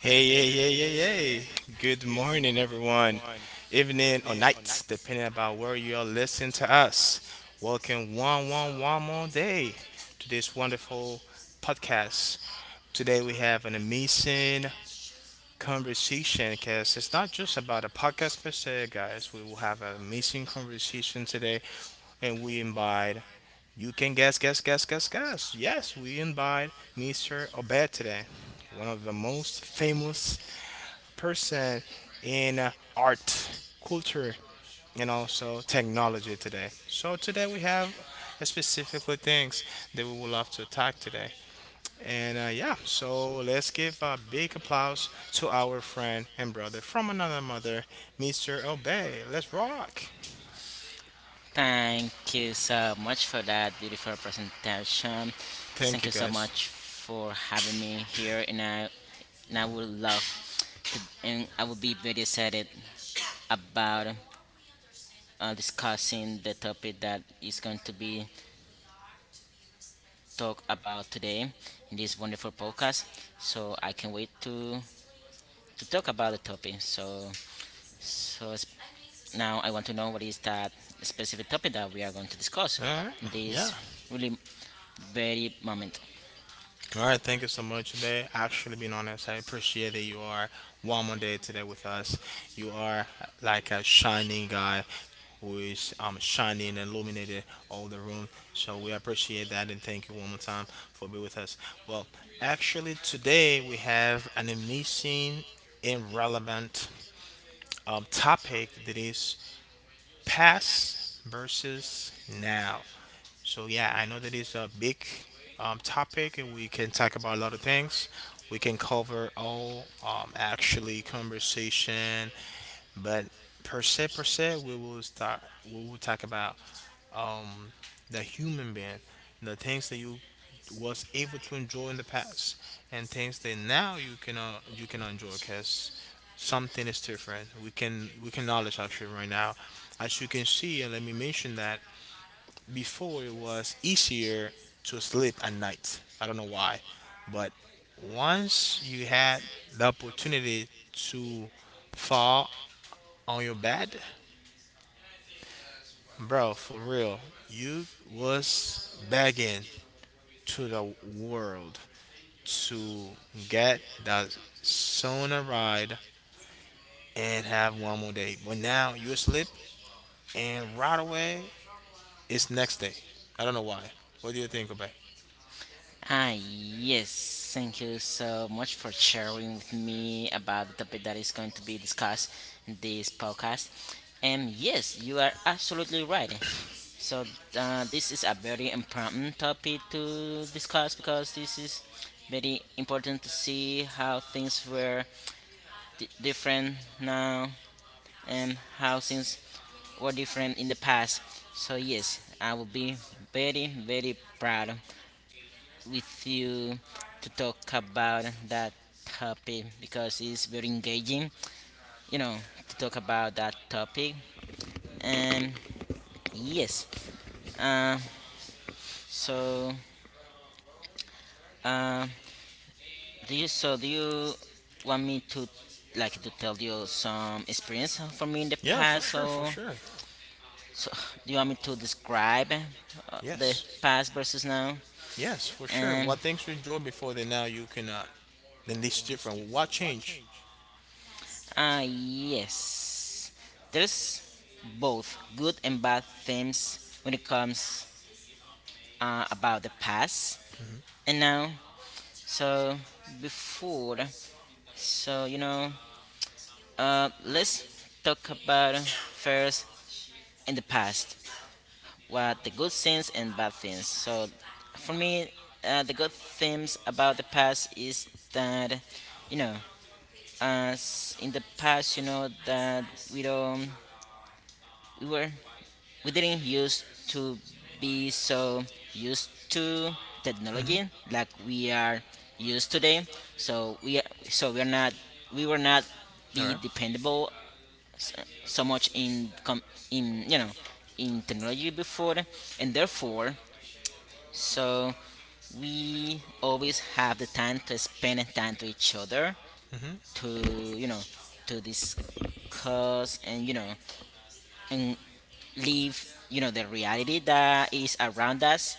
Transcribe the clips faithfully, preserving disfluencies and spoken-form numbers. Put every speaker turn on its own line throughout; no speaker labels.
Hey, hey, hey, hey, hey. Good morning, everyone. Evening or night, depending about where you are listening to us. Welcome one, one, one more day to this wonderful podcast. Today we have an amazing conversation because it's not just about a podcast per se, guys. We will have an amazing conversation today and we invite, you can guess, guess, guess, guess, guess. Yes, we invite mister Obed today, one of the most famous person in uh, art, culture, and also technology today. So today we have uh, specifically things that we would love to talk today. And uh, yeah, so let's give a big applause to our friend and brother from another mother, mister Obey. Let's rock.
Thank you so much for that beautiful presentation.
Thank
Thank
you
you so
guys.
much for having me here, and I and I would love to and I would be very excited about uh, discussing the topic that is going to be talked about today in this wonderful podcast. So I can wait to to talk about the topic. So so s- now I want to know what is that specific topic that we are going to discuss
All right.
in
Yeah.
this really very moment.
All right, thank you so much today. Actually, being honest, I appreciate that you are one more day today with us. You are like a shining guy who is um, shining and illuminated all the room. So we appreciate that and thank you one more time for being with us. Well, actually, today we have an amazing and relevant um, topic that is past versus now. So yeah, I know that is a big um, topic, and we can talk about a lot of things. We can cover all um, actually conversation, but per se per se, we will start. We will talk about um, the human being, the things that you was able to enjoy in the past, and things that now you cannot you cannot enjoy because something is different. We can we can knowledge actually right now, as you can see, and let me mention that before it was easier to sleep at night. I don't know why, but once you had the opportunity to fall on your bed, bro, for real, you was begging to the world to get the sooner ride and have one more day. But now you asleep and right away it's next day. I don't know why. What do you think about
Ah, yes. Thank you so much for sharing with me about the topic that is going to be discussed in this podcast. And yes, you are absolutely right. So, uh, this is a very important topic to discuss because this is very important to see how things were d- different now and how things were different in the past. So, yes, I will be very, very proud with you to talk about that topic because it's very engaging, you know, to talk about that topic. And yes, uh, so uh, do you so do you want me to
it?
like to tell you some experience from me in the
Yeah, for
past,
sure, for
or
sure.
so do you want me to describe uh, the
Yes.
past versus now?
Yes, for sure. What things you enjoy before that now you cannot? Then this different. What change?
Ah, yes. There's both good and bad things when it comes uh, about the past and now. So before, so you know, uh, let's talk about first in the past what the good things and bad things. So for me, uh, the good things about the past is that you know, as in the past, you know that we don't we were We didn't used
Mhm.
to be so used to technology like we are used today. So we so we are not we were not
All
be
right.
dependable s- so much in com- in you know in technology before, and therefore so we always have the time to spend time to each other to
Mm-hmm.
you know to discuss and you know and live you know the reality that is around us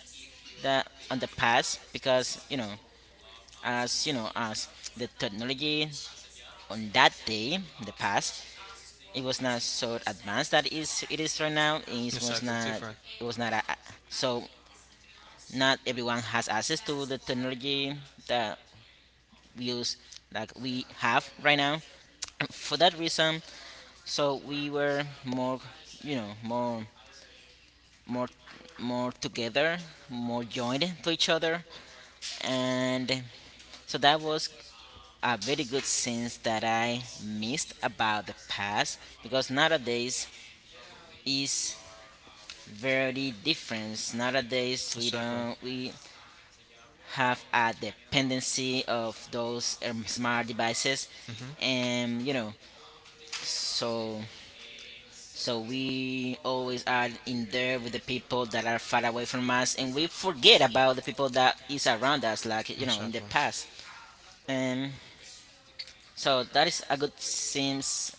the on the past because you know as you know as the technology on that day the past it was not so advanced that is it is right now it was
Exactly.
not
Different.
it was not a, a- so not everyone has access to the technology that we use like we have right now for that reason so we were more you know more more more together more joined to each other and so that was a very good sense that I missed about the past because nowadays is very different. Nowadays we
Exactly.
don't we have a dependency of those um, smart devices
Mhm.
and you know so
So.
so we always are in there with the people that are far away from us and we forget about the people that is around us like you know in the
Exactly.
past and so that is a good sense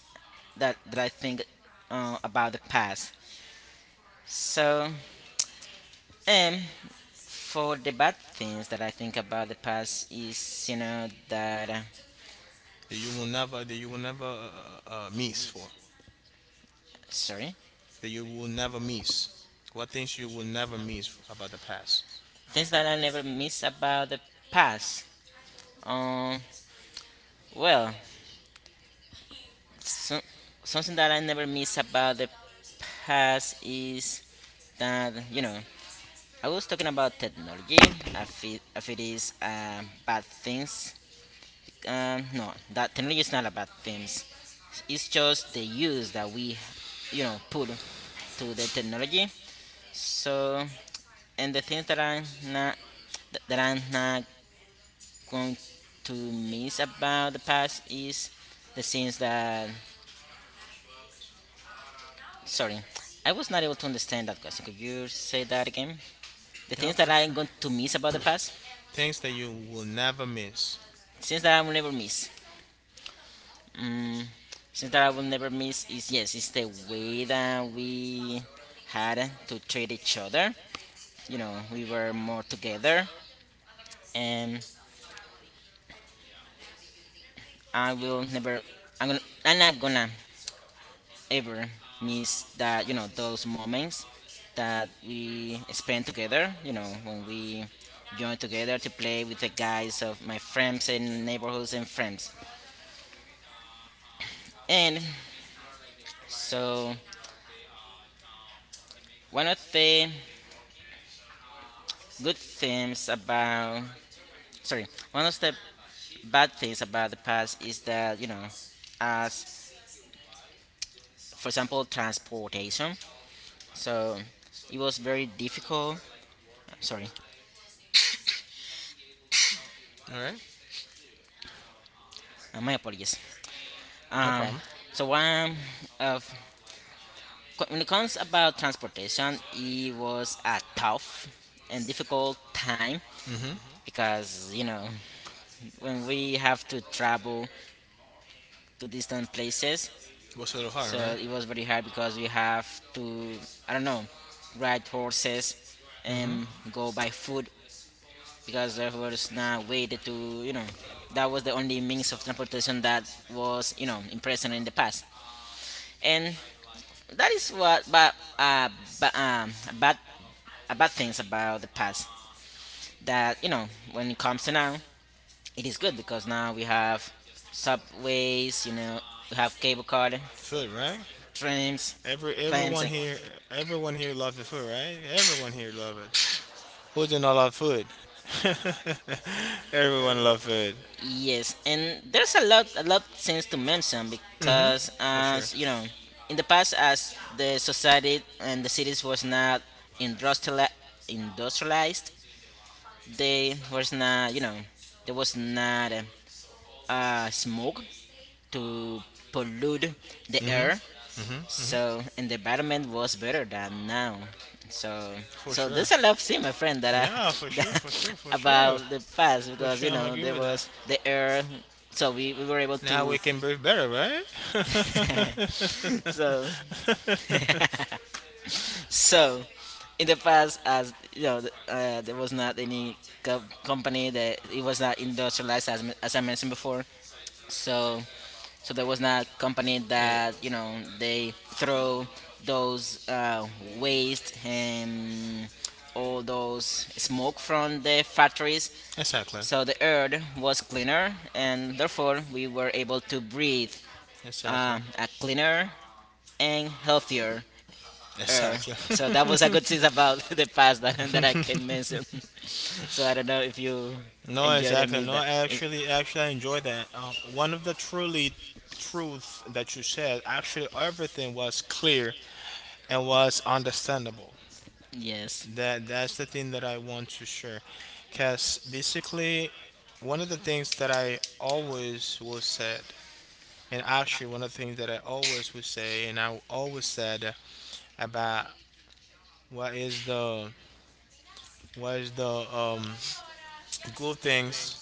that that I think uh, about the past. So, um, for the bad things that I think about the past is, you know, that uh,
That you will never, that you will never uh, uh, uh, miss for,
sorry,
that you will never miss. What things you will never miss about the past?
things that I never miss about the past. Um, well, so, something that I never miss about the past is that you know I was talking about technology. If it, if it is uh, bad things, um, no, that technology is not a bad thing. It's just the use that we, you know, put to the technology. So, and the things that I'm not that I'm not going to miss about the past is the things that. Sorry, I was not able to understand that question. Could you say that again? The
Yeah,
things that I'm
sure.
going to miss about the past,
Things that you will never miss.
things that I will never miss. Mm, things that I will never miss is yes, it's the way that we had to treat each other. You know, we were more together. And I will never I'm gonna I'm not gonna ever miss that you know those moments that we spend together you know when we join together to play with the guys of my friends and neighborhoods and friends and so one of the good things about sorry one of the bad things about the past is that you know as for example transportation so it was very difficult. Sorry.
All right.
Uh, my apologies.
Uh-huh. No
Um,
problem.
so one of when it comes about transportation, it was a tough and difficult time
Mhm.
because you know when we have to travel to distant places,
What's a little hard?
so it was very hard because we have to I don't know ride horses and go by foot because there was no way to you know that was the only means of transportation that was you know in present in the past. And that is what but uh but um bad uh, Bad things about the past that you know when it comes to now it is good because now we have subways, you know, we have cable car,
Food, right?
trams,
Every
plans.
everyone
And
here, everyone here loves the food, right? Everyone here loves it. Who do not love food? Everyone loves food.
Yes, and there's a lot a lot things to mention
Mhm,
because
sure.
as you know in the past as the society and the cities was not industriali- industrialized, they was not you know there was not a uh, smoke to pollute the
Mhm,
air.
mm-hmm.
So and the environment was better than now. So so there's a lot of thing, my friend, that I
Yeah, for sure, for
that,
sure, for sure.
about the past
For
because
sure,
you
I'm
know
agree
there
with that.
was the air. So we, we were able
Now we
to
can breathe better, right? in
so so in the past as you know th- uh, there was not any co- company. That It was not industrialized as, m- as I mentioned before. so so there was not company that you know they throw those uh, waste and all those smoke from the
in
factories
Exactly.
so the air was cleaner and therefore we were able to breathe
Exactly.
um, a cleaner and healthier air.
Exactly.
So that was a good thing about the past, that, that I can mention. So I don't know if you
No,
enjoyed and
exactly.
missed
No,
that.
I
Eh,
actually, actually, I enjoy that. Um, one of the truly truth that you said, actually, everything was clear and was understandable.
yes.
That that's the thing that I want to share, because basically, one of the things that I always will said. And actually, one of the things that I always would say, and I always said about what is the what is the um, good things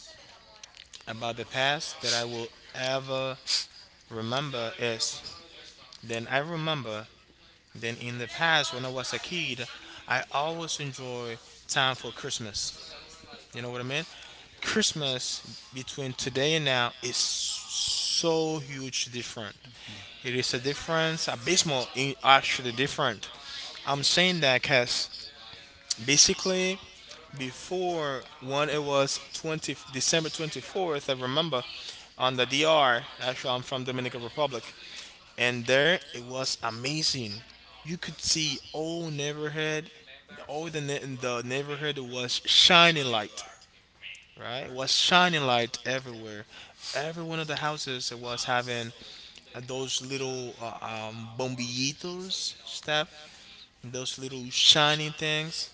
about the past that I will ever remember is, then I remember, then in the past when I was a kid, I always enjoy time for Christmas. You know what I mean? Christmas between today and now is so huge different. It is a difference, abysmal, in- actually different. I'm saying that because basically before, when it was twenty December twenty-fourth, I remember, on the D R, actually I'm from Dominican Republic, and there it was amazing. You could see all neighborhood, all the ne- the neighborhood was shining light, right? It was shining light everywhere. Every one of the houses, it was having uh, those little uh, um, bombillitos stuff, those little shiny things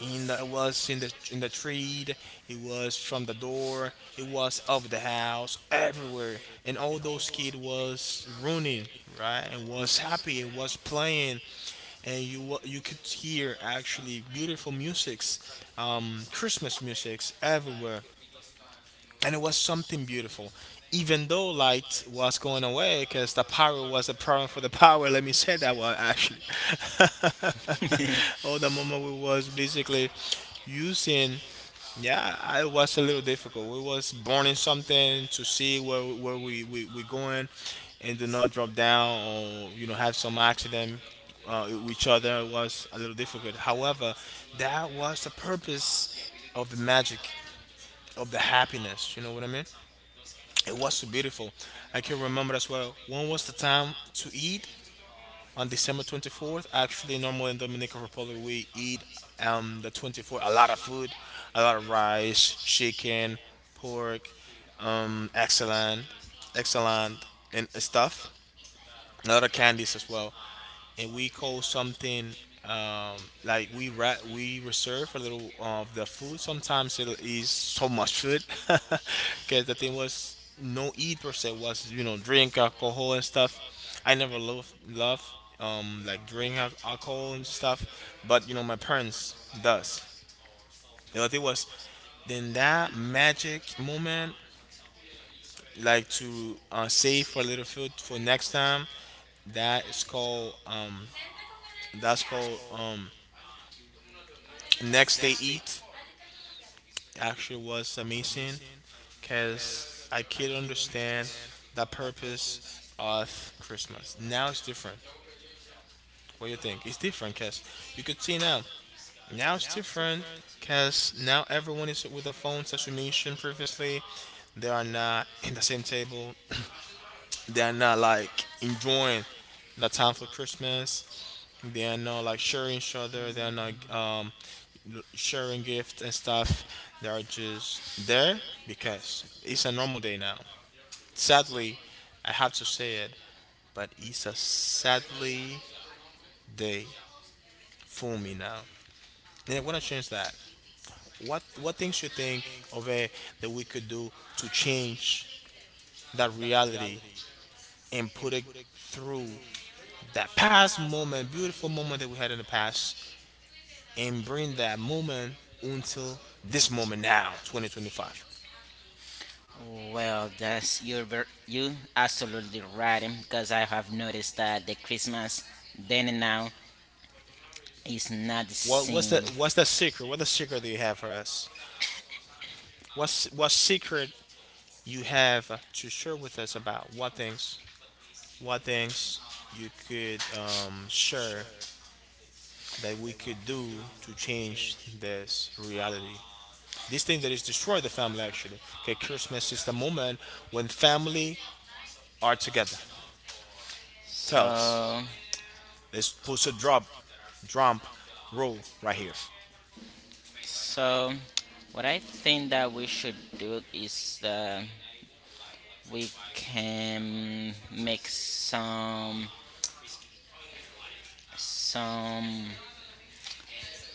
in the, it was in the in the tree, it was from the door, it was of the house, everywhere. And all those kids was running, right, and was happy and was playing, and you wa- you could hear actually beautiful musics, um Christmas musics everywhere, and it was something beautiful. Even though light was going away, because the power was a problem for the power. Let me say that one actually. Oh, the moment we was basically using, yeah, I was a little difficult. We was burning something to see where where we we we going, and do not drop down or you know have some accident. Uh, with each other was a little difficult. However, that was the purpose of the magic of the happiness. You know what I mean? It was so beautiful. I can remember as well. When was the time to eat? On December twenty-fourth, actually, normally in Dominican Republic, we eat um, the twenty-fourth, a lot of food, a lot of rice, chicken, pork, um, excellent, excellent, and stuff. A lot of candies as well, and we call something um like we ra- we reserve a little of the food. Sometimes it is so much food, because the thing was no eat per se, was you know drink alcohol and stuff. I never love love um like drink al- alcohol and stuff, but you know my parents does. And the thing was then that magic moment, like to uh, save for a little food for next time, that is called um that's called um Next Day Eat. Actually was amazing because I could understand the purpose of Christmas. Now it's different. What do you think? It's different because you could see now. Now it's different because now everyone is with a phone, as we mentioned previously. They are not in the same table. They are not like enjoying the time for Christmas. They are not like sharing each other. They are not um, l- sharing gifts and stuff. They are just there because it's a normal day now. Sadly, I have to say it, but it's a sadly day for me now. And I want to change that. What what things you think of it that we could do to change that reality and put it through that past moment, beautiful moment that we had in the past, and bring that moment until this moment now, twenty twenty-five.
Well, that's you're ver- you absolutely right, um, because I have noticed that the Christmas then and now is not the
What what's
same.
the what's the secret? What the secret do you have for us? What's what secret you have to share with us about what things what things you could um, share that we could do to change this reality? This thing that is destroyed the family actually. Okay, Christmas is the moment when family are together. Tell us.
So,
Let's put a drop, drum roll right here.
so what I think that we should do is uh, we can make some some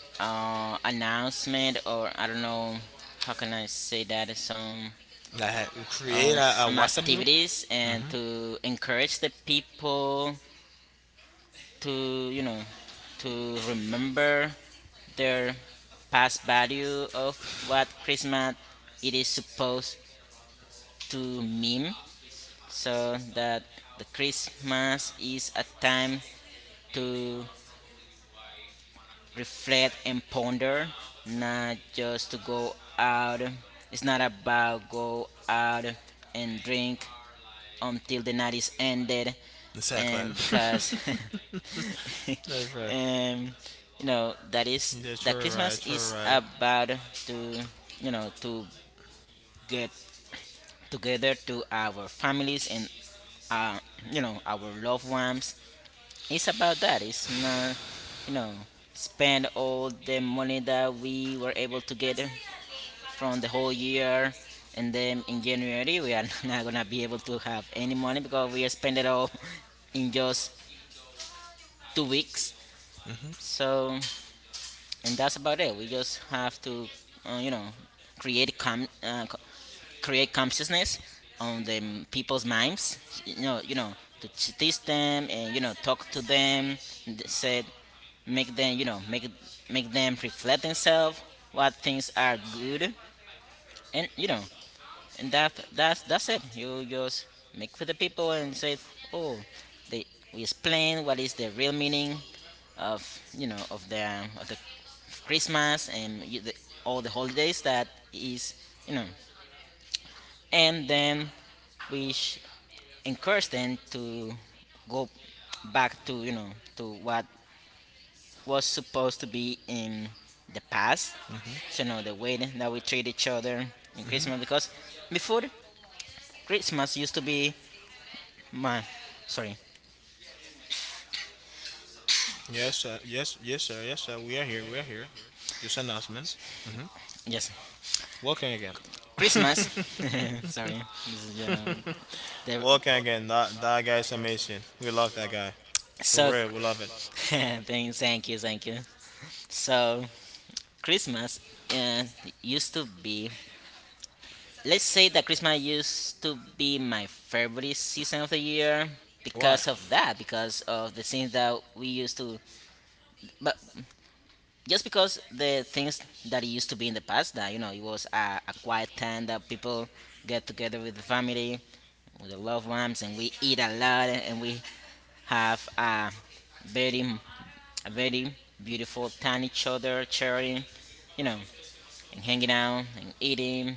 uh, announcement or I don't know how can I say that some
Like, create a, a
uh,
WhatsApp group.
some activities and
Mm-hmm.
to encourage the people to you know to remember their past value of what Christmas it is supposed to mean so that the Christmas is a time to reflect and ponder, not just to go out. It's not about go out and drink until the nineties ended,
Exactly.
and because,
That's right. That's right,
um, you know, that is
right. That's
that
right,
Christmas is
right.
about to, you know, to get together to our families and, uh, you know, our loved ones. It's about that. It's not, you know, spend all the money that we were able to get from the whole year. And then in January, we are not gonna be able to have any money because we spend it all in just two weeks. So, and that's about it. We just have to, uh, you know, create com- uh, co- create consciousness on the m- people's minds. You know, you know, to ch- teach them and you know talk to them. And Said make them, you know, make make them reflect themselves what things are good and you know and that that's that's it. You just make for the people and say, oh, they we explain what is the real meaning of you know of the of the of Christmas and you, the, all the holidays that is you know, and then we sh- encourage them to go back to you know to what was supposed to be in the past so you know the way that we treat each other in christmas because before christmas used to be. Man, sorry.
Yes, sir. Yes, yes, sir. Yes, sir. We are here. We are here. Just announcement.
Yes,
Welcome again.
Christmas. Sorry, this is you know the
Welcome again. That that guy is amazing. We love that guy. For
so.
real, we love it.
thank, thank you, thank you. So Christmas uh, used to be. Let's say that Christmas used to be my favorite season of the year
Why?
because of that, because of the things that we used to. But just because the things that it used to be in the past, that you know, it was a, a quiet time that people get together with the family. We love worms and we eat a lot and we have a very, a very beautiful time each other, sharing, you know, and hanging out and eating,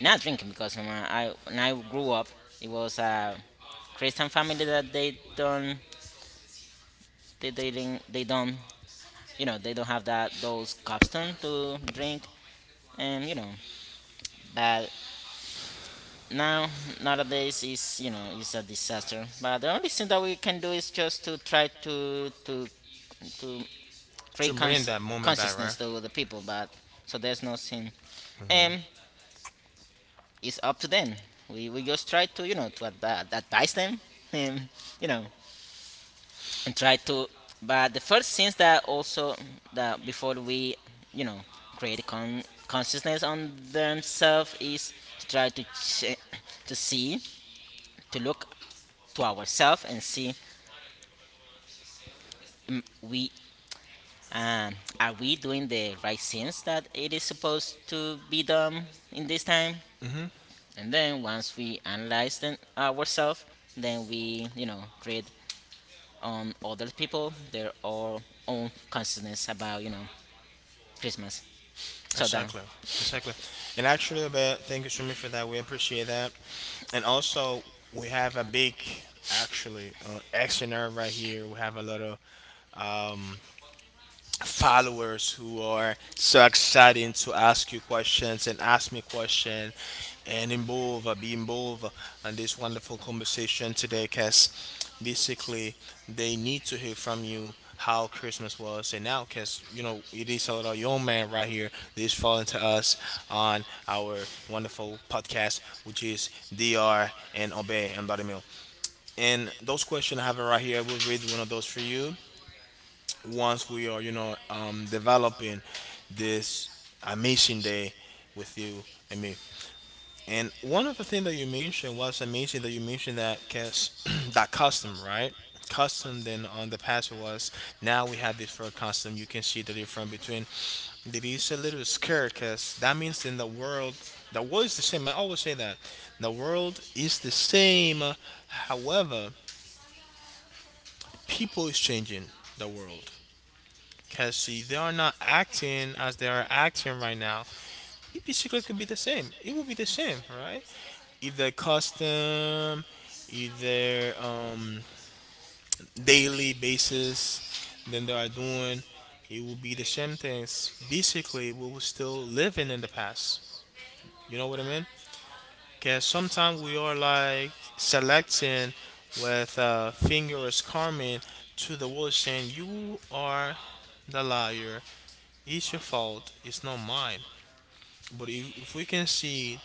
not drinking because when I when I grew up, it was a Christian family that they don't they they didn't, they don't you know they don't have that those custom to drink and you know. But now nowadays is you know is a disaster, but the only thing that we can do is just to try to to to free
To bring
cons-
that moment back, right?
consciousness to the people. But so there's no sin, um
Mm-hmm.
it's up to them. We, we just try to you know to advi- advise them, um, you know, and try to, but the first things that also that before we you know create con- consciousness on themselves is to try to ch- to see, to look to ourselves and see, um, we um, are we doing the right things that it is supposed to be done in this time?
Mm-hmm.
And then once we analyze them ourselves, then we you know read on other people their all own consciousness about you know Christmas. So that,
Exactly. Exactly. And actually, about thank you so much for that. We appreciate that. And also, we have a big, actually, uh, extra right here. We have a lot of followers who are so exciting to ask you questions and ask me questions and involve uh, be involved in this wonderful conversation today, because basically they need to hear from you how Christmas was and now, because you know it is a little young man right here that is falling to us on our wonderful podcast, which is D R and Obey and Body Mill. And those questions I have it right here. I will read one of those for you once we are, you know, um, developing this uh, mission day with you and me. And one of the things that you mentioned was amazing, that you mentioned that cause that custom, right? Custom then on the past it was, now we have this for custom. You can see the difference between. It is a little scary because that means in the world the world is the same. I always say that. The world is the same. However, people is changing the world. Cassie. They are not acting as they are acting right now. E P cigarette could be the same. It will be the same, right? If their custom, if their um, daily basis, then they are doing, it will be the same things. Basically, we will still living in the past. You know what I mean? Because sometimes we are like selecting with uh, fingers comment to the world saying, you are the liar. It's your fault. It's not mine. But if, if we can see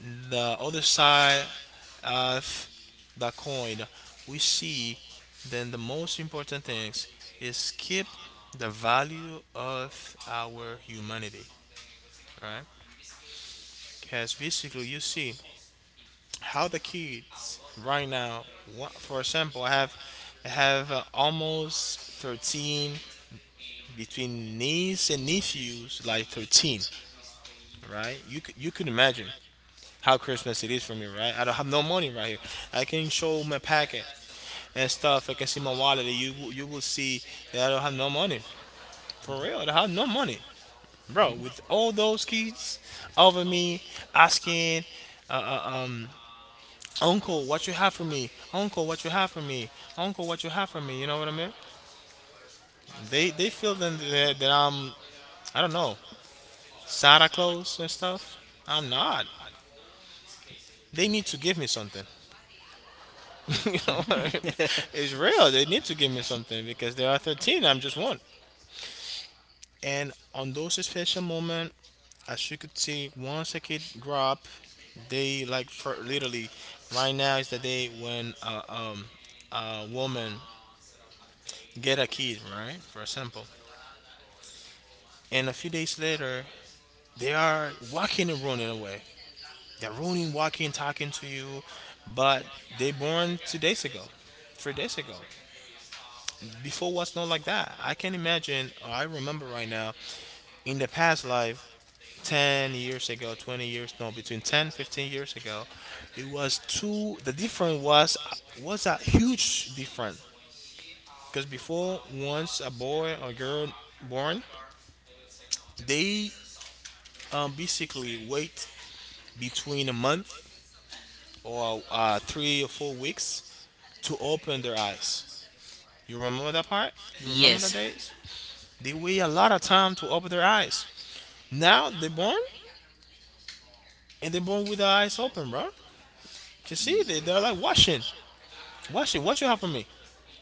the other side of the coin, we see then the most important things is keep the value of our humanity, right? Because basically, you see how the kids right now, wha- for example, I have I have uh, almost thirteen between niece and nephews, like thirteen, right? You c- you could imagine how Christmas it is for me, right? I don't have no money right here. I can show my packet and stuff. I can see my wallet. You will- you will see that I don't have no money. For real, I don't have no money, bro. With all those kids over me asking, uh, uh, um, uncle, what you have for me? Uncle, what you have for me? Uncle, what you have for me? You know what I mean? They they feel that that, that I'm, I don't know, Santa Claus and stuff. I'm not. They need to give me something. You know what I mean? It's real. They need to give me something because there are thirteen. I'm just one. And on those special moments, as you could see, once a kid drop, they like, for literally right now is the day when uh, um, a woman get a kid, right? For example. And a few days later, they are walking and running away. They're running, walking, talking to you, but they born two days ago, three days ago. Before was not like that. I can imagine, I remember right now, in the past life, ten years ago, twenty years, no, between ten, fifteen years ago, it was two, the difference was, was a huge difference. Because before, once a boy or girl born, they um, basically wait between a month or uh, three or four weeks to open their eyes. You remember that part? You remember the
yes.
days? They wait a lot of time to open their eyes. Now they born, and they're born with their eyes open, bro. You see, they they're like watching, watching. What you have for me?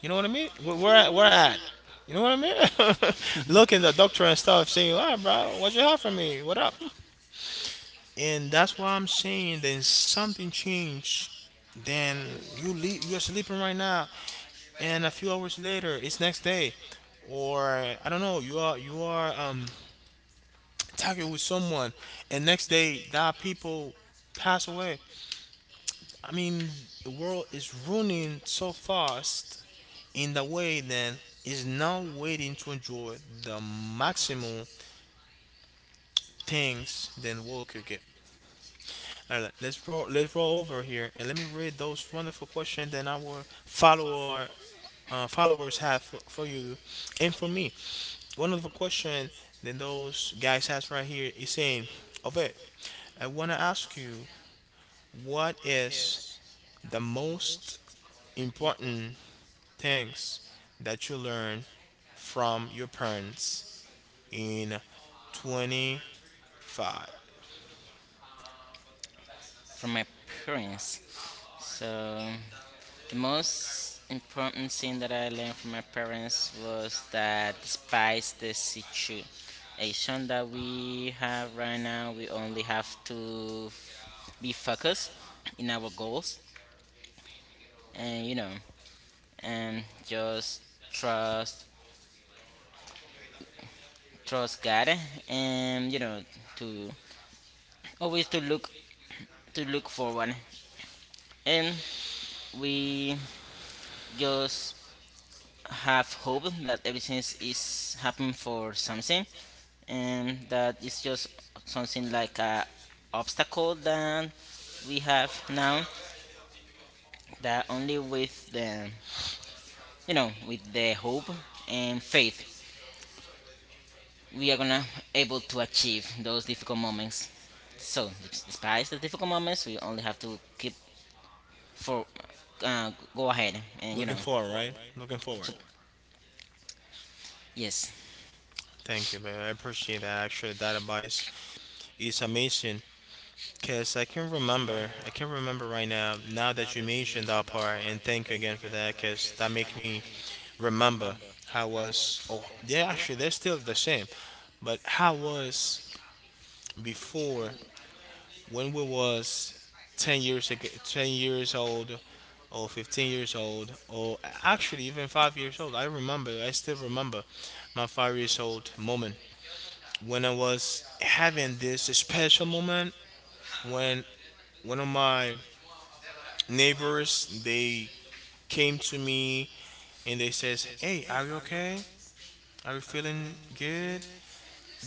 You know what I mean? Where where I, where I at? You know what I mean? Looking at the doctor and stuff, saying, "Ah, bro, what you have for me? What up?" And that's why I'm saying then something changed. Then you le- you're sleeping right now, and a few hours later, it's next day, or I don't know, you are you are um talking with someone, and next day that people pass away. I mean, the world is running so fast in the way then is now waiting to enjoy the maximum things then world could get. All right, let's roll. Let's roll over here and let me read those wonderful questions that our follower uh, followers have for, for you and for me. One of the question that those guys has right here is saying, "Okay, I want to ask you, what is the most important things that you learn from your parents in twenty-five.
From my parents, so the most important thing that I learned from my parents was that despite the situation that we have right now, we only have to f- be focused in our goals and you know, and just trust trust God, and you know to always to look to look forward. And we just have hope that everything is happening for something, and that it's just something like a obstacle that we have now, that only with the you know with the hope and faith we are gonna able to achieve those difficult moments. So des- despite the difficult moments, we only have to keep for uh, go ahead and you know.
Looking forward, right? Looking forward.
So, yes,
Thank you, babe. I appreciate that. Actually, that advice is amazing. Cause I can remember, I can remember right now. Now that you mentioned that part, and thank you again for that. Cause that make me remember how was. Oh, yeah. Actually, they're still the same, but how was before when we was ten years ago, ten years old or fifteen years old or actually even five years old. I remember, I still remember my five years old moment, when I was having this special moment, when one of my neighbors, they came to me and they says, hey, are you okay, are you feeling good,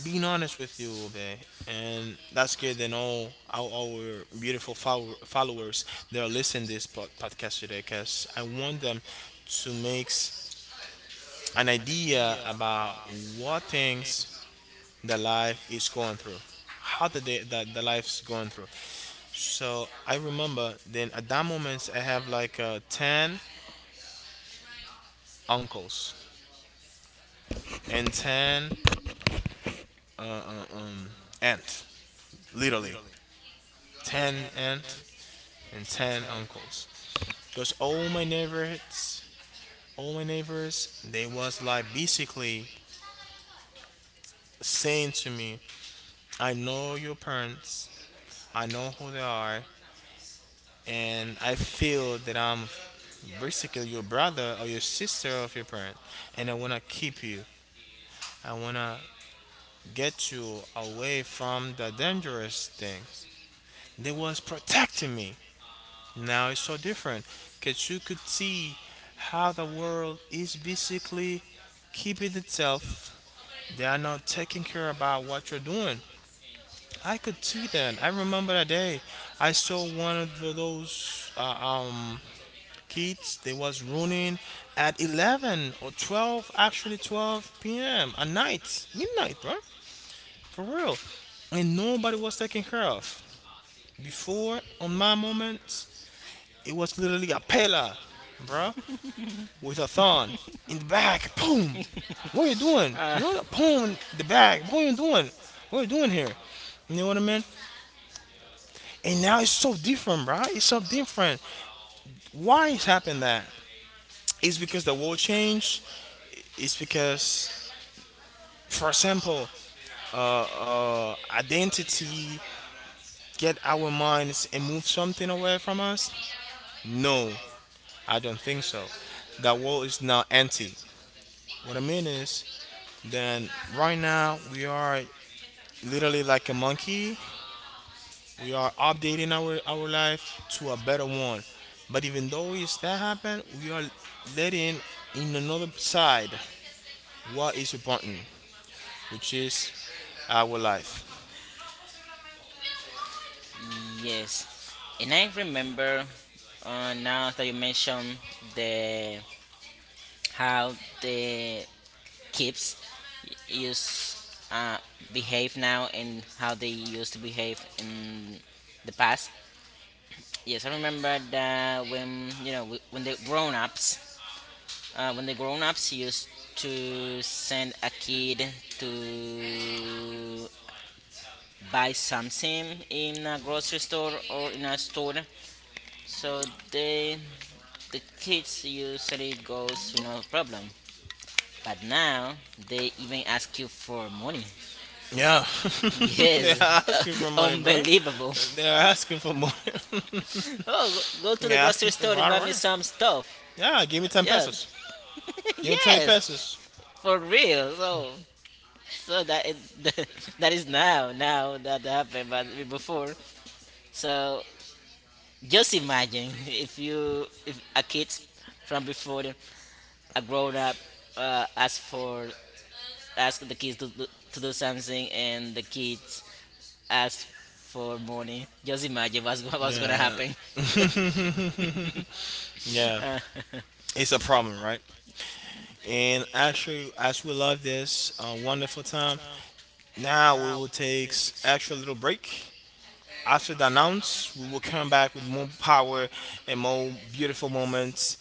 being honest with you, okay, and that's good. Then all our, our beautiful follow- followers that are listening this pod- podcast today, because I want them to make s- an idea about what things the life is going through, how the day that the life's going through. So I remember then at that moment I have like uh, ten uncles and ten uh, uh, um aunt, literally ten aunt and ten uncles. Because all my neighbors, all my neighbors, they was like basically saying to me, "I know your parents, I know who they are, and I feel that I'm basically your brother or your sister of your parents, and I wanna keep you. I wanna get you away from the dangerous things." They was protecting me. Now it's so different, cause you could see how the world is basically keeping itself. They are not taking care about what you're doing. I could see that. I remember that day. I saw one of the- those uh, um kids. They was running at eleven or twelve, actually twelve p m at night, midnight, bro, for real. And nobody was taking care of. Before, on my moments, it was literally a pillar, bro, with a thon in the back. Boom. What are you doing?
uh,
You know what? Boom in the back. What are you doing? What are you doing here? You know what I mean? And now it's so different, right? It's so different. Why is happened that? It's because the world changed. It's because, for example, uh, identity get our minds and move something away from us. No, I don't think so. The world is now empty. What I mean is, then right now we are literally like a monkey. We are updating our our life to a better one. But even though it's that happened, we are letting in another side what is important, which is our life.
yes, and I remember, uh, now that you mentioned the how the kids y- use uh, behave now and how they used to behave in the past. Yes, I remember that when you know we, when the grown-ups uh, when the grown-ups used to send a kid to buy something in a grocery store or in a store. So they the kids usually goes with no problem, but now they even ask you for money.
Yeah, they're
Yes,
asking for money, bro.
unbelievable.
They're asking for money.
oh, go go to
They're
the grocery
asking
store
for,
and buy
right,
me
right.
some stuff.
Yeah, give me ten pesos.
Yes,
Give me twenty pesos.
yes, for real. So so that is, that is now, now that happened, but before. So just imagine if you, if a kid from before, a grown up, uh, ask for ask the kids to do, to do something, and the kids ask for money. Just imagine what's what was gonna happen.
Yeah. Yeah,
Uh,
it's a problem, right? And actually, as we love this uh, wonderful time, now we will take s- actual little break. After the announce, we will come back with more power and more beautiful moments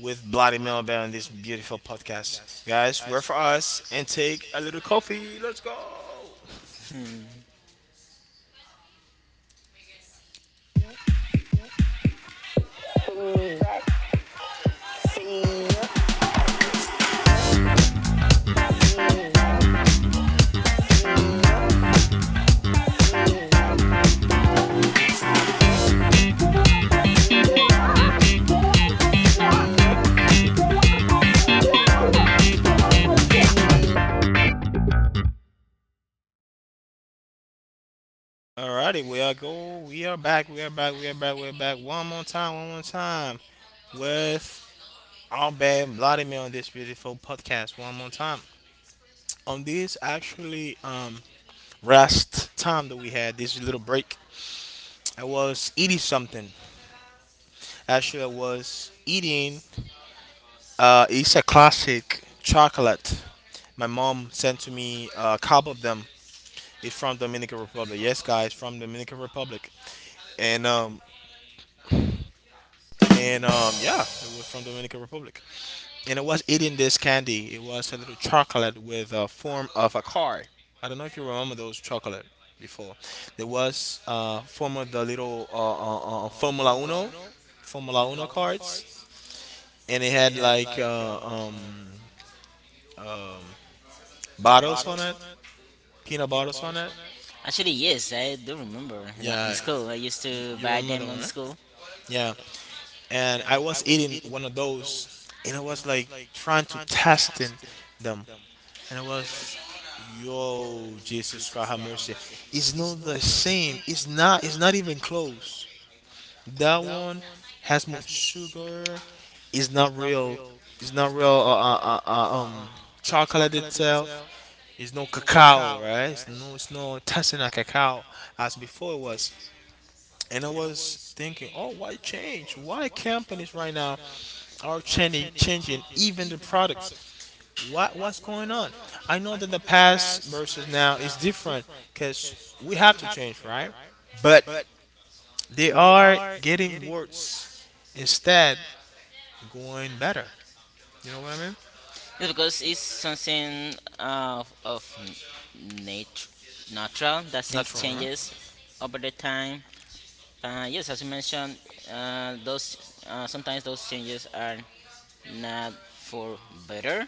with Bloody Melba on this beautiful podcast. Guys, work for us and take a little coffee. Let's go. Alrighty, we are go. We are back. We are back. We are back. We are back. One more time. One more time with our bad Vladimir on this beautiful podcast. One more time. On this actually um last time that we had this little break, I was eating something. Actually, I was eating uh it's a classic chocolate. My mom sent to me a couple of them. It's from Dominican Republic. Yes, guys, from Dominican Republic. And um and um yeah, it was from Dominican Republic. And it was eating this candy. It was a little chocolate with a form of a car. I don't know if you remember those chocolate before. There was uh, form of the little uh, uh, uh, Formula Uno, Formula Uno cards, and it had like uh, um, bottles on it, peanut bottles on it.
actually, yes, I do remember. You know, in yeah,
Yeah,
school, I used to
you
buy
remember that
them on
one,
the
right?
school.
Yeah, and I was eating one of those, and I was like trying to test in them. And it was, yo, Jesus Christ have mercy. It's not the same. It's not it's not even close. That one has more sugar. It's not real. It's not real uh, uh, uh, uh, um chocolate itself. It's no cacao, right? It's no it's no tasting a cacao as before it was. And I was thinking, oh, why change? Why companies right now are changing, changing even the products? What what's going on? I know that the past versus now is different because we have to change, right? But they are getting worse instead going better. You know what I mean?
Yes, because it's something of, of nat- natural that things
Not wrong, right?
changes over the time. Uh, yes, as you mentioned, uh, those uh, sometimes those changes are not for better,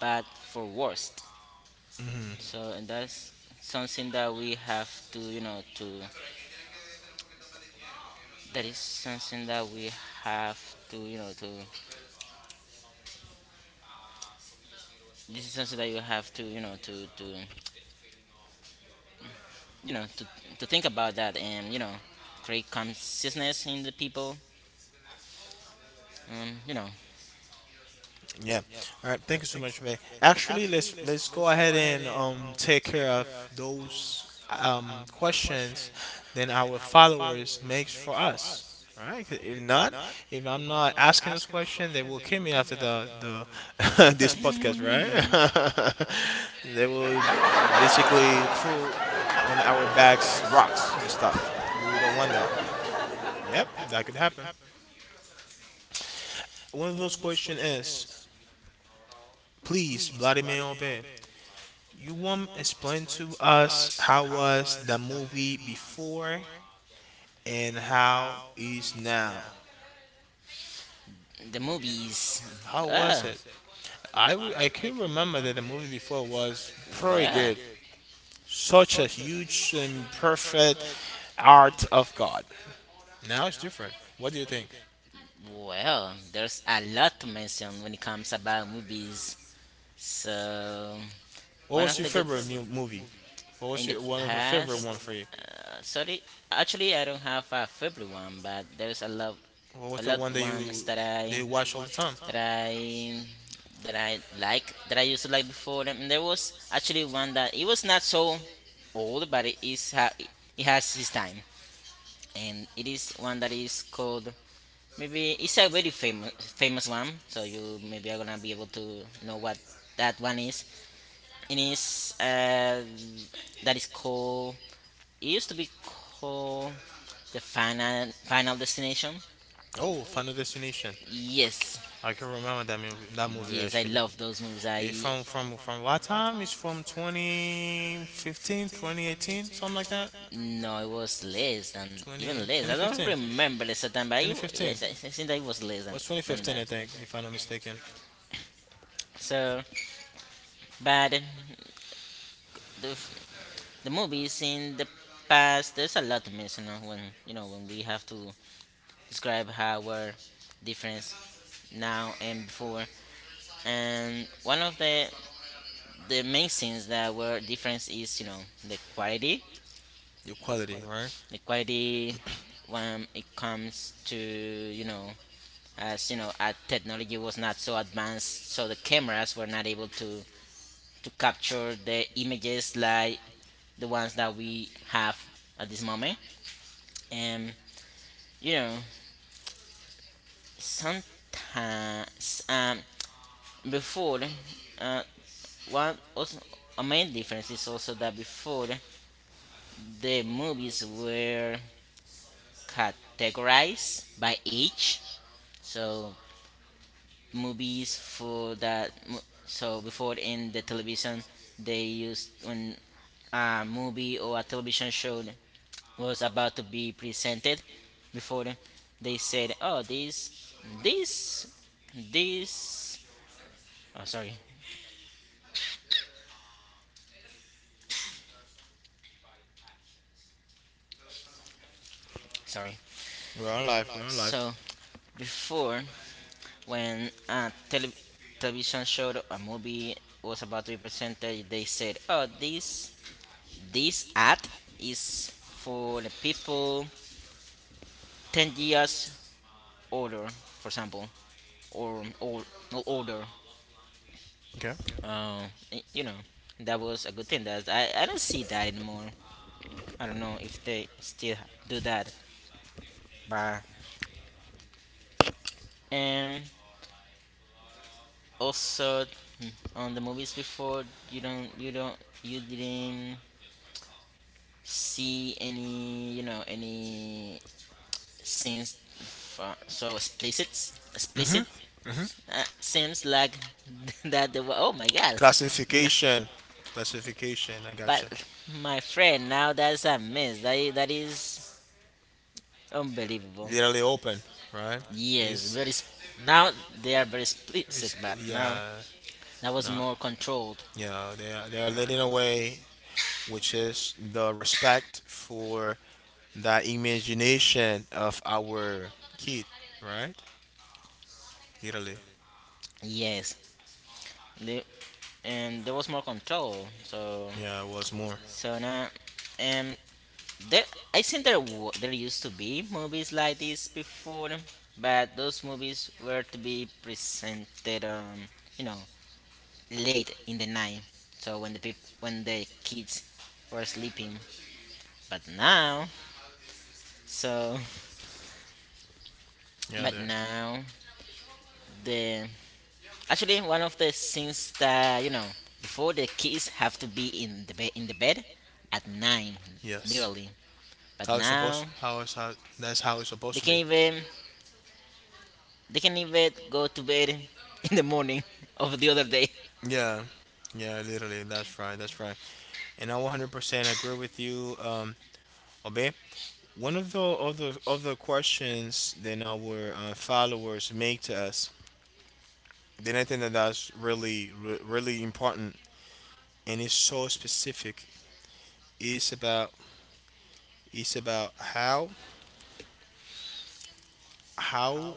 but for worst. So, and that's something that we have to, you know, to that is something that we have to, you know, to this is something that you have to, you know, to to you know to, to think about that, and you know create consciousness in the people, um you know.
Yeah. All right. Thank you so much, May. Actually, let's let's go ahead and um take care of those um questions then our followers makes for us. All right. 'Cause if not, if I'm not asking those questions, they will kill me after the the this podcast, right? They will basically throw on our backs rocks and stuff. We don't want that. Yep, that could happen. One of those questions is, please, Vladimir Obey, you want explain to us how was the movie before and how is now?
The movies,
How
uh,
was it? I, w- I can remember that the movie before was pretty
well
good. Such a huge and perfect art of God. Now it's different. What do you think?
well there's a lot to mention when it comes about movies. So
What
one
was
of
your
the good
favorite mu- movie? What was
in the
your one of the favorite
past,
one for you?
uh, sorry, actually I don't have a favorite one, but there's a lot,
What was
a
the
loved
one that you
ones that I
they watch all the time?
that I that I like, that I used to like before. And there was actually one that it was not so old, but it is ha- it has its time, and it is one that is called, maybe it's a very famous famous one, so you maybe are gonna be able to know what that one is. It is uh, that is called, it used to be called the final final destination.
Oh, Final Destination.
Yes,
I can remember that movie. That movie I
yes, I
actually.
love those movies. I
It, I from
from,
from from what time? It's from twenty fifteen, twenty eighteen, something like that.
no, it was less than,
twenty,
even less. I don't
twenty fifteen.
remember the certain, but I,
twenty fifteen.
yes, I, I think that it was less than
What's
it than twenty
twenty fifteen? I
that.
think, if I'm not mistaken.
So, but um, the f- the movies in the past, there's a lot to mention on when you know when we have to describe how our difference now and before. And one of the the main things that were difference is you know the quality,
Your quality, right?
the quality when it comes to you know, as you know, uh technology was not so advanced so the cameras were not able to to capture the images like the ones that we have at this moment. And you know sometimes um before, uh one also, a main difference is also that before the movies were categorize by age. So movies for that. mo- So before in the television, they used when a movie or a television show was about to be presented. Before they said, "Oh, this, this, this." Oh, sorry, sorry.
We're on live. We're on live.
So before when a tele- television show or a movie was about to be presented, they said oh this, this ad is for the people ten years older, for example, or old, not older.
Okay.
Uh, y- you know, that was a good thing. That I, I don't see that anymore. I don't know if they still do that. But um, also mm, on the movies before, you don't, you don't, you didn't see any, you know, any scenes f- uh, so explicit, explicit.
Mhm.
Uh, seems like that the wa- oh my god, no,
Classification. Classification. I gotcha.
but my friend, now that's a mess. That is, that is unbelievable.
Literally open, right?
Yes,
It's,
very. Sp- now they are very
it's
explicit, but now
yeah,
that was
no,
more controlled.
yeah. They are, they are leading away, which is the respect for the imagination of our kid, right? Literally,
Yes, they, and there was more control. So
yeah. It was more,
so now, um, there, I think there wa- there used to be movies like this before, but those movies were to be presented on you know late in the night, so when the peop- when the kids were sleeping. But now so
yeah.
but
There,
now the actually one of the things that you know before the kids have to be in the bed in the bed at nine
yes.
literally. But
How it's supposed?
now
How is how? That's how it's supposed
they
to
can
be.
even they can even go to bed in the morning of the other day.
Yeah, yeah, literally. That's right. That's right. And I one hundred percent agree with you, um, Obe. One of the other other questions that our uh, followers make to us, then I think that that's really re- really important and it's so specific. It's about it's about how how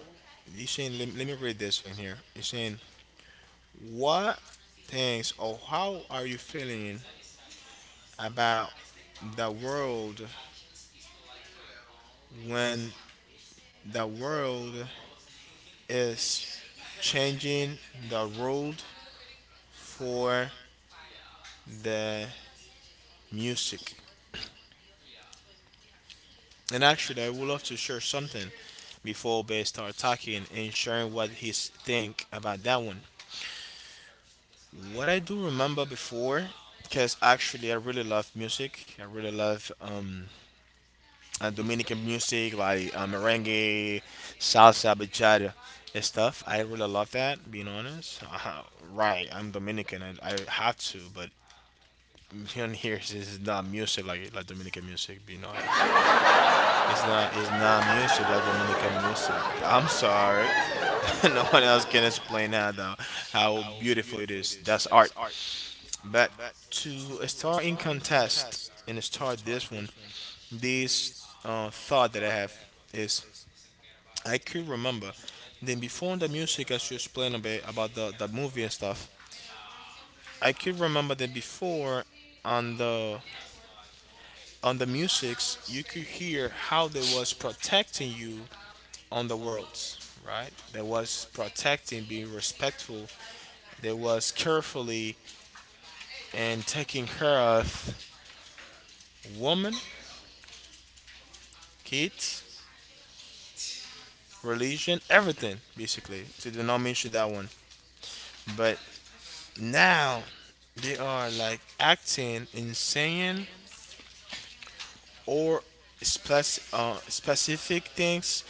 it's saying, let, let me read this one here. It's saying what things or how are you feeling about the world when the world is changing the world for the music. And actually, I would love to share something before Bear start talking and sharing what he's think about that one. What I do remember before, because actually I really love music. I really love um, uh, Dominican music like uh, merengue, salsa, bachata, and stuff. I really love that. Being honest, uh, right? I'm Dominican. I, I have to, but beyond here is is not music like like Dominican music. Being honest, it's not it's not music like Dominican music. I'm sorry. No one else can explain how the, how beautiful it is. That's art. But to start in contest and start this one, this uh, thought that I have is I could remember. Then before the music, as you explain a bit about the, the movie and stuff. I could remember that before on the on the musics, you could hear how they was protecting you on the worlds, right? They was protecting, being respectful. They was carefully and taking care of woman, kids, religion, everything basically. So they did not mention that one. But now they are like acting and saying or spec- uh, specific things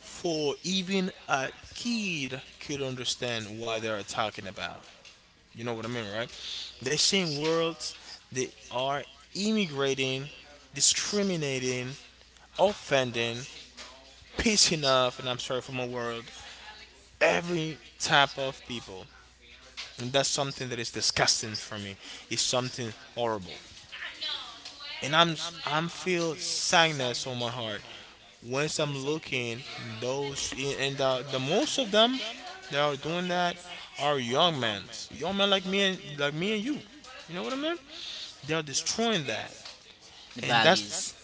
for even a kid could understand what they are talking about. You know what I mean, right? They seeing worlds, they are immigrating, discriminating, offending, pissing off, and I'm sorry for my word, every type of people. And that's something that is disgusting for me. It's something horrible, and i'm i'm feel sadness on my heart once I'm looking those. And the, the most of them that are doing that are young men, young men like me and like me and you you know what I mean. They're destroying that.
The
And
values,
that's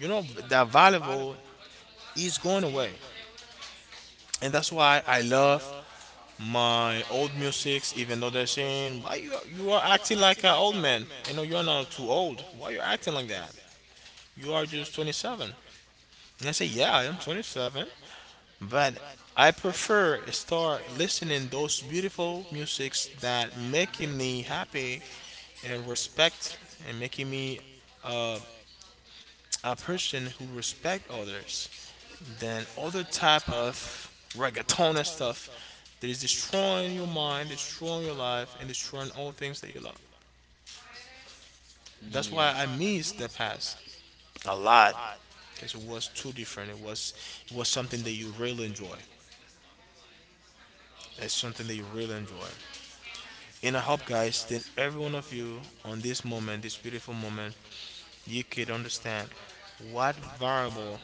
you know that valuable is going away. And that's why I love my old musics, even though they're saying, "Why you you are acting like an old man? You know you are not too old. Why you acting like that? You are just twenty-seven." And I say, "Yeah, I am twenty-seven, but I prefer start listening those beautiful musics that making me happy and respect and making me uh, a person who respect others," than other type of reggaeton and stuff that is destroying your mind, destroying your life, and destroying all things that you love. That's why I miss the
yes,
past a lot, because it was too different. It was it was something that you really enjoy. It's something that you really enjoy. And I hope, guys, that every one of you on this moment, this beautiful moment, you could understand what variable,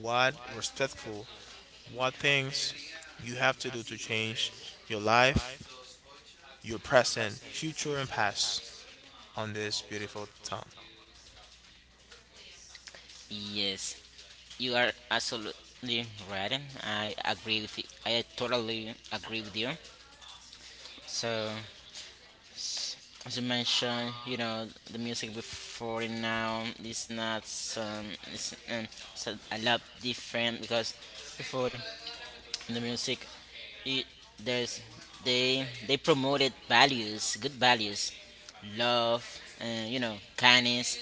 what respectful, what things you have to do to change your life, you're pressing future and past on this beautiful town.
yes. You are absolutely right. I agree with you. I totally agree with you. So, s- as you mentioned, you know, the music before and now is not some it's, um, it's a, a lot different because before the music, it, there's they they promoted values, good values, love, and you know, kindness.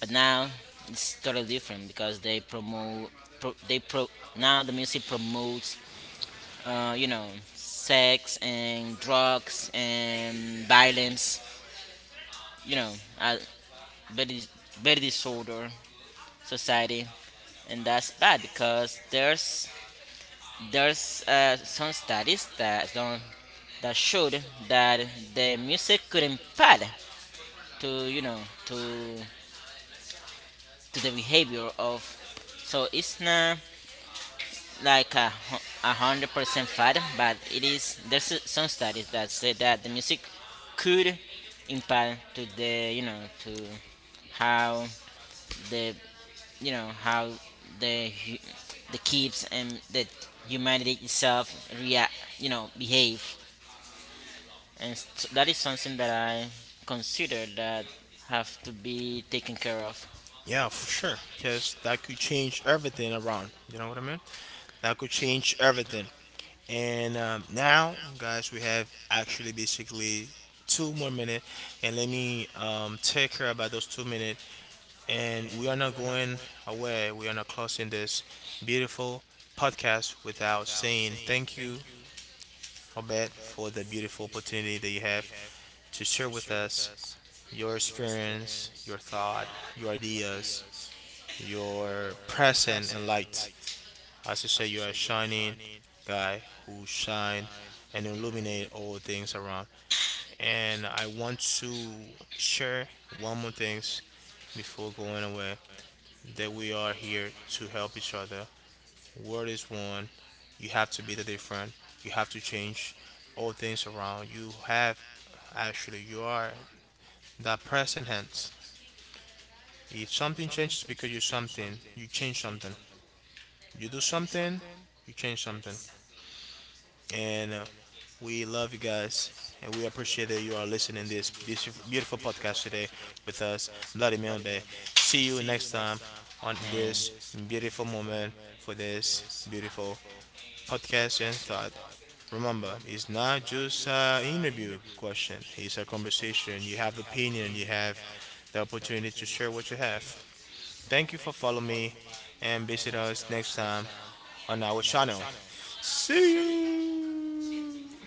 But now it's totally different because they promote pro, they pro now the music promotes uh, you know sex and drugs and violence, you know, uh, very dis- very disorder society. And that's bad because there's there's uh, some studies that don't that showed that the music could impact to you know to to the behavior of. So it's not like a, hu- a hundred percent fact, but it is there's s- some studies that say that the music could impact to the you know to how the you know how the hu- the kids and the humanity itself react, you know, behave. And s so that is something that I consider that have to be taken care of.
Yeah, for sure. Because that could change everything around. You know what I mean? That could change everything. And um, now, guys, we have actually basically two more minutes. And let me um, take care about those two minutes. And we are not going away. We are not closing this beautiful podcast without saying thank you, Robert, for the beautiful opportunity that you have to share with us your experience, your thought, your ideas, your present and light. As I say, you are a shining guy who shine and illuminate all things around. And I want to share one more things before going away, that we are here to help each other. World is one. You have to be the different. You have to change all things around. You have, actually you are that present tense. If something changes because you something, you change something. You do something, you change something. And uh, we love you guys, and we appreciate that you are listening to this beautiful, beautiful podcast today with us, Bloody Monday. See you next time on this
And
beautiful moment for this beautiful podcast and thought. Remember, it's not just an interview question. It's a conversation. You have the opinion. You have the opportunity to share what you have. Thank you for following me and visit us next time on our channel. See you!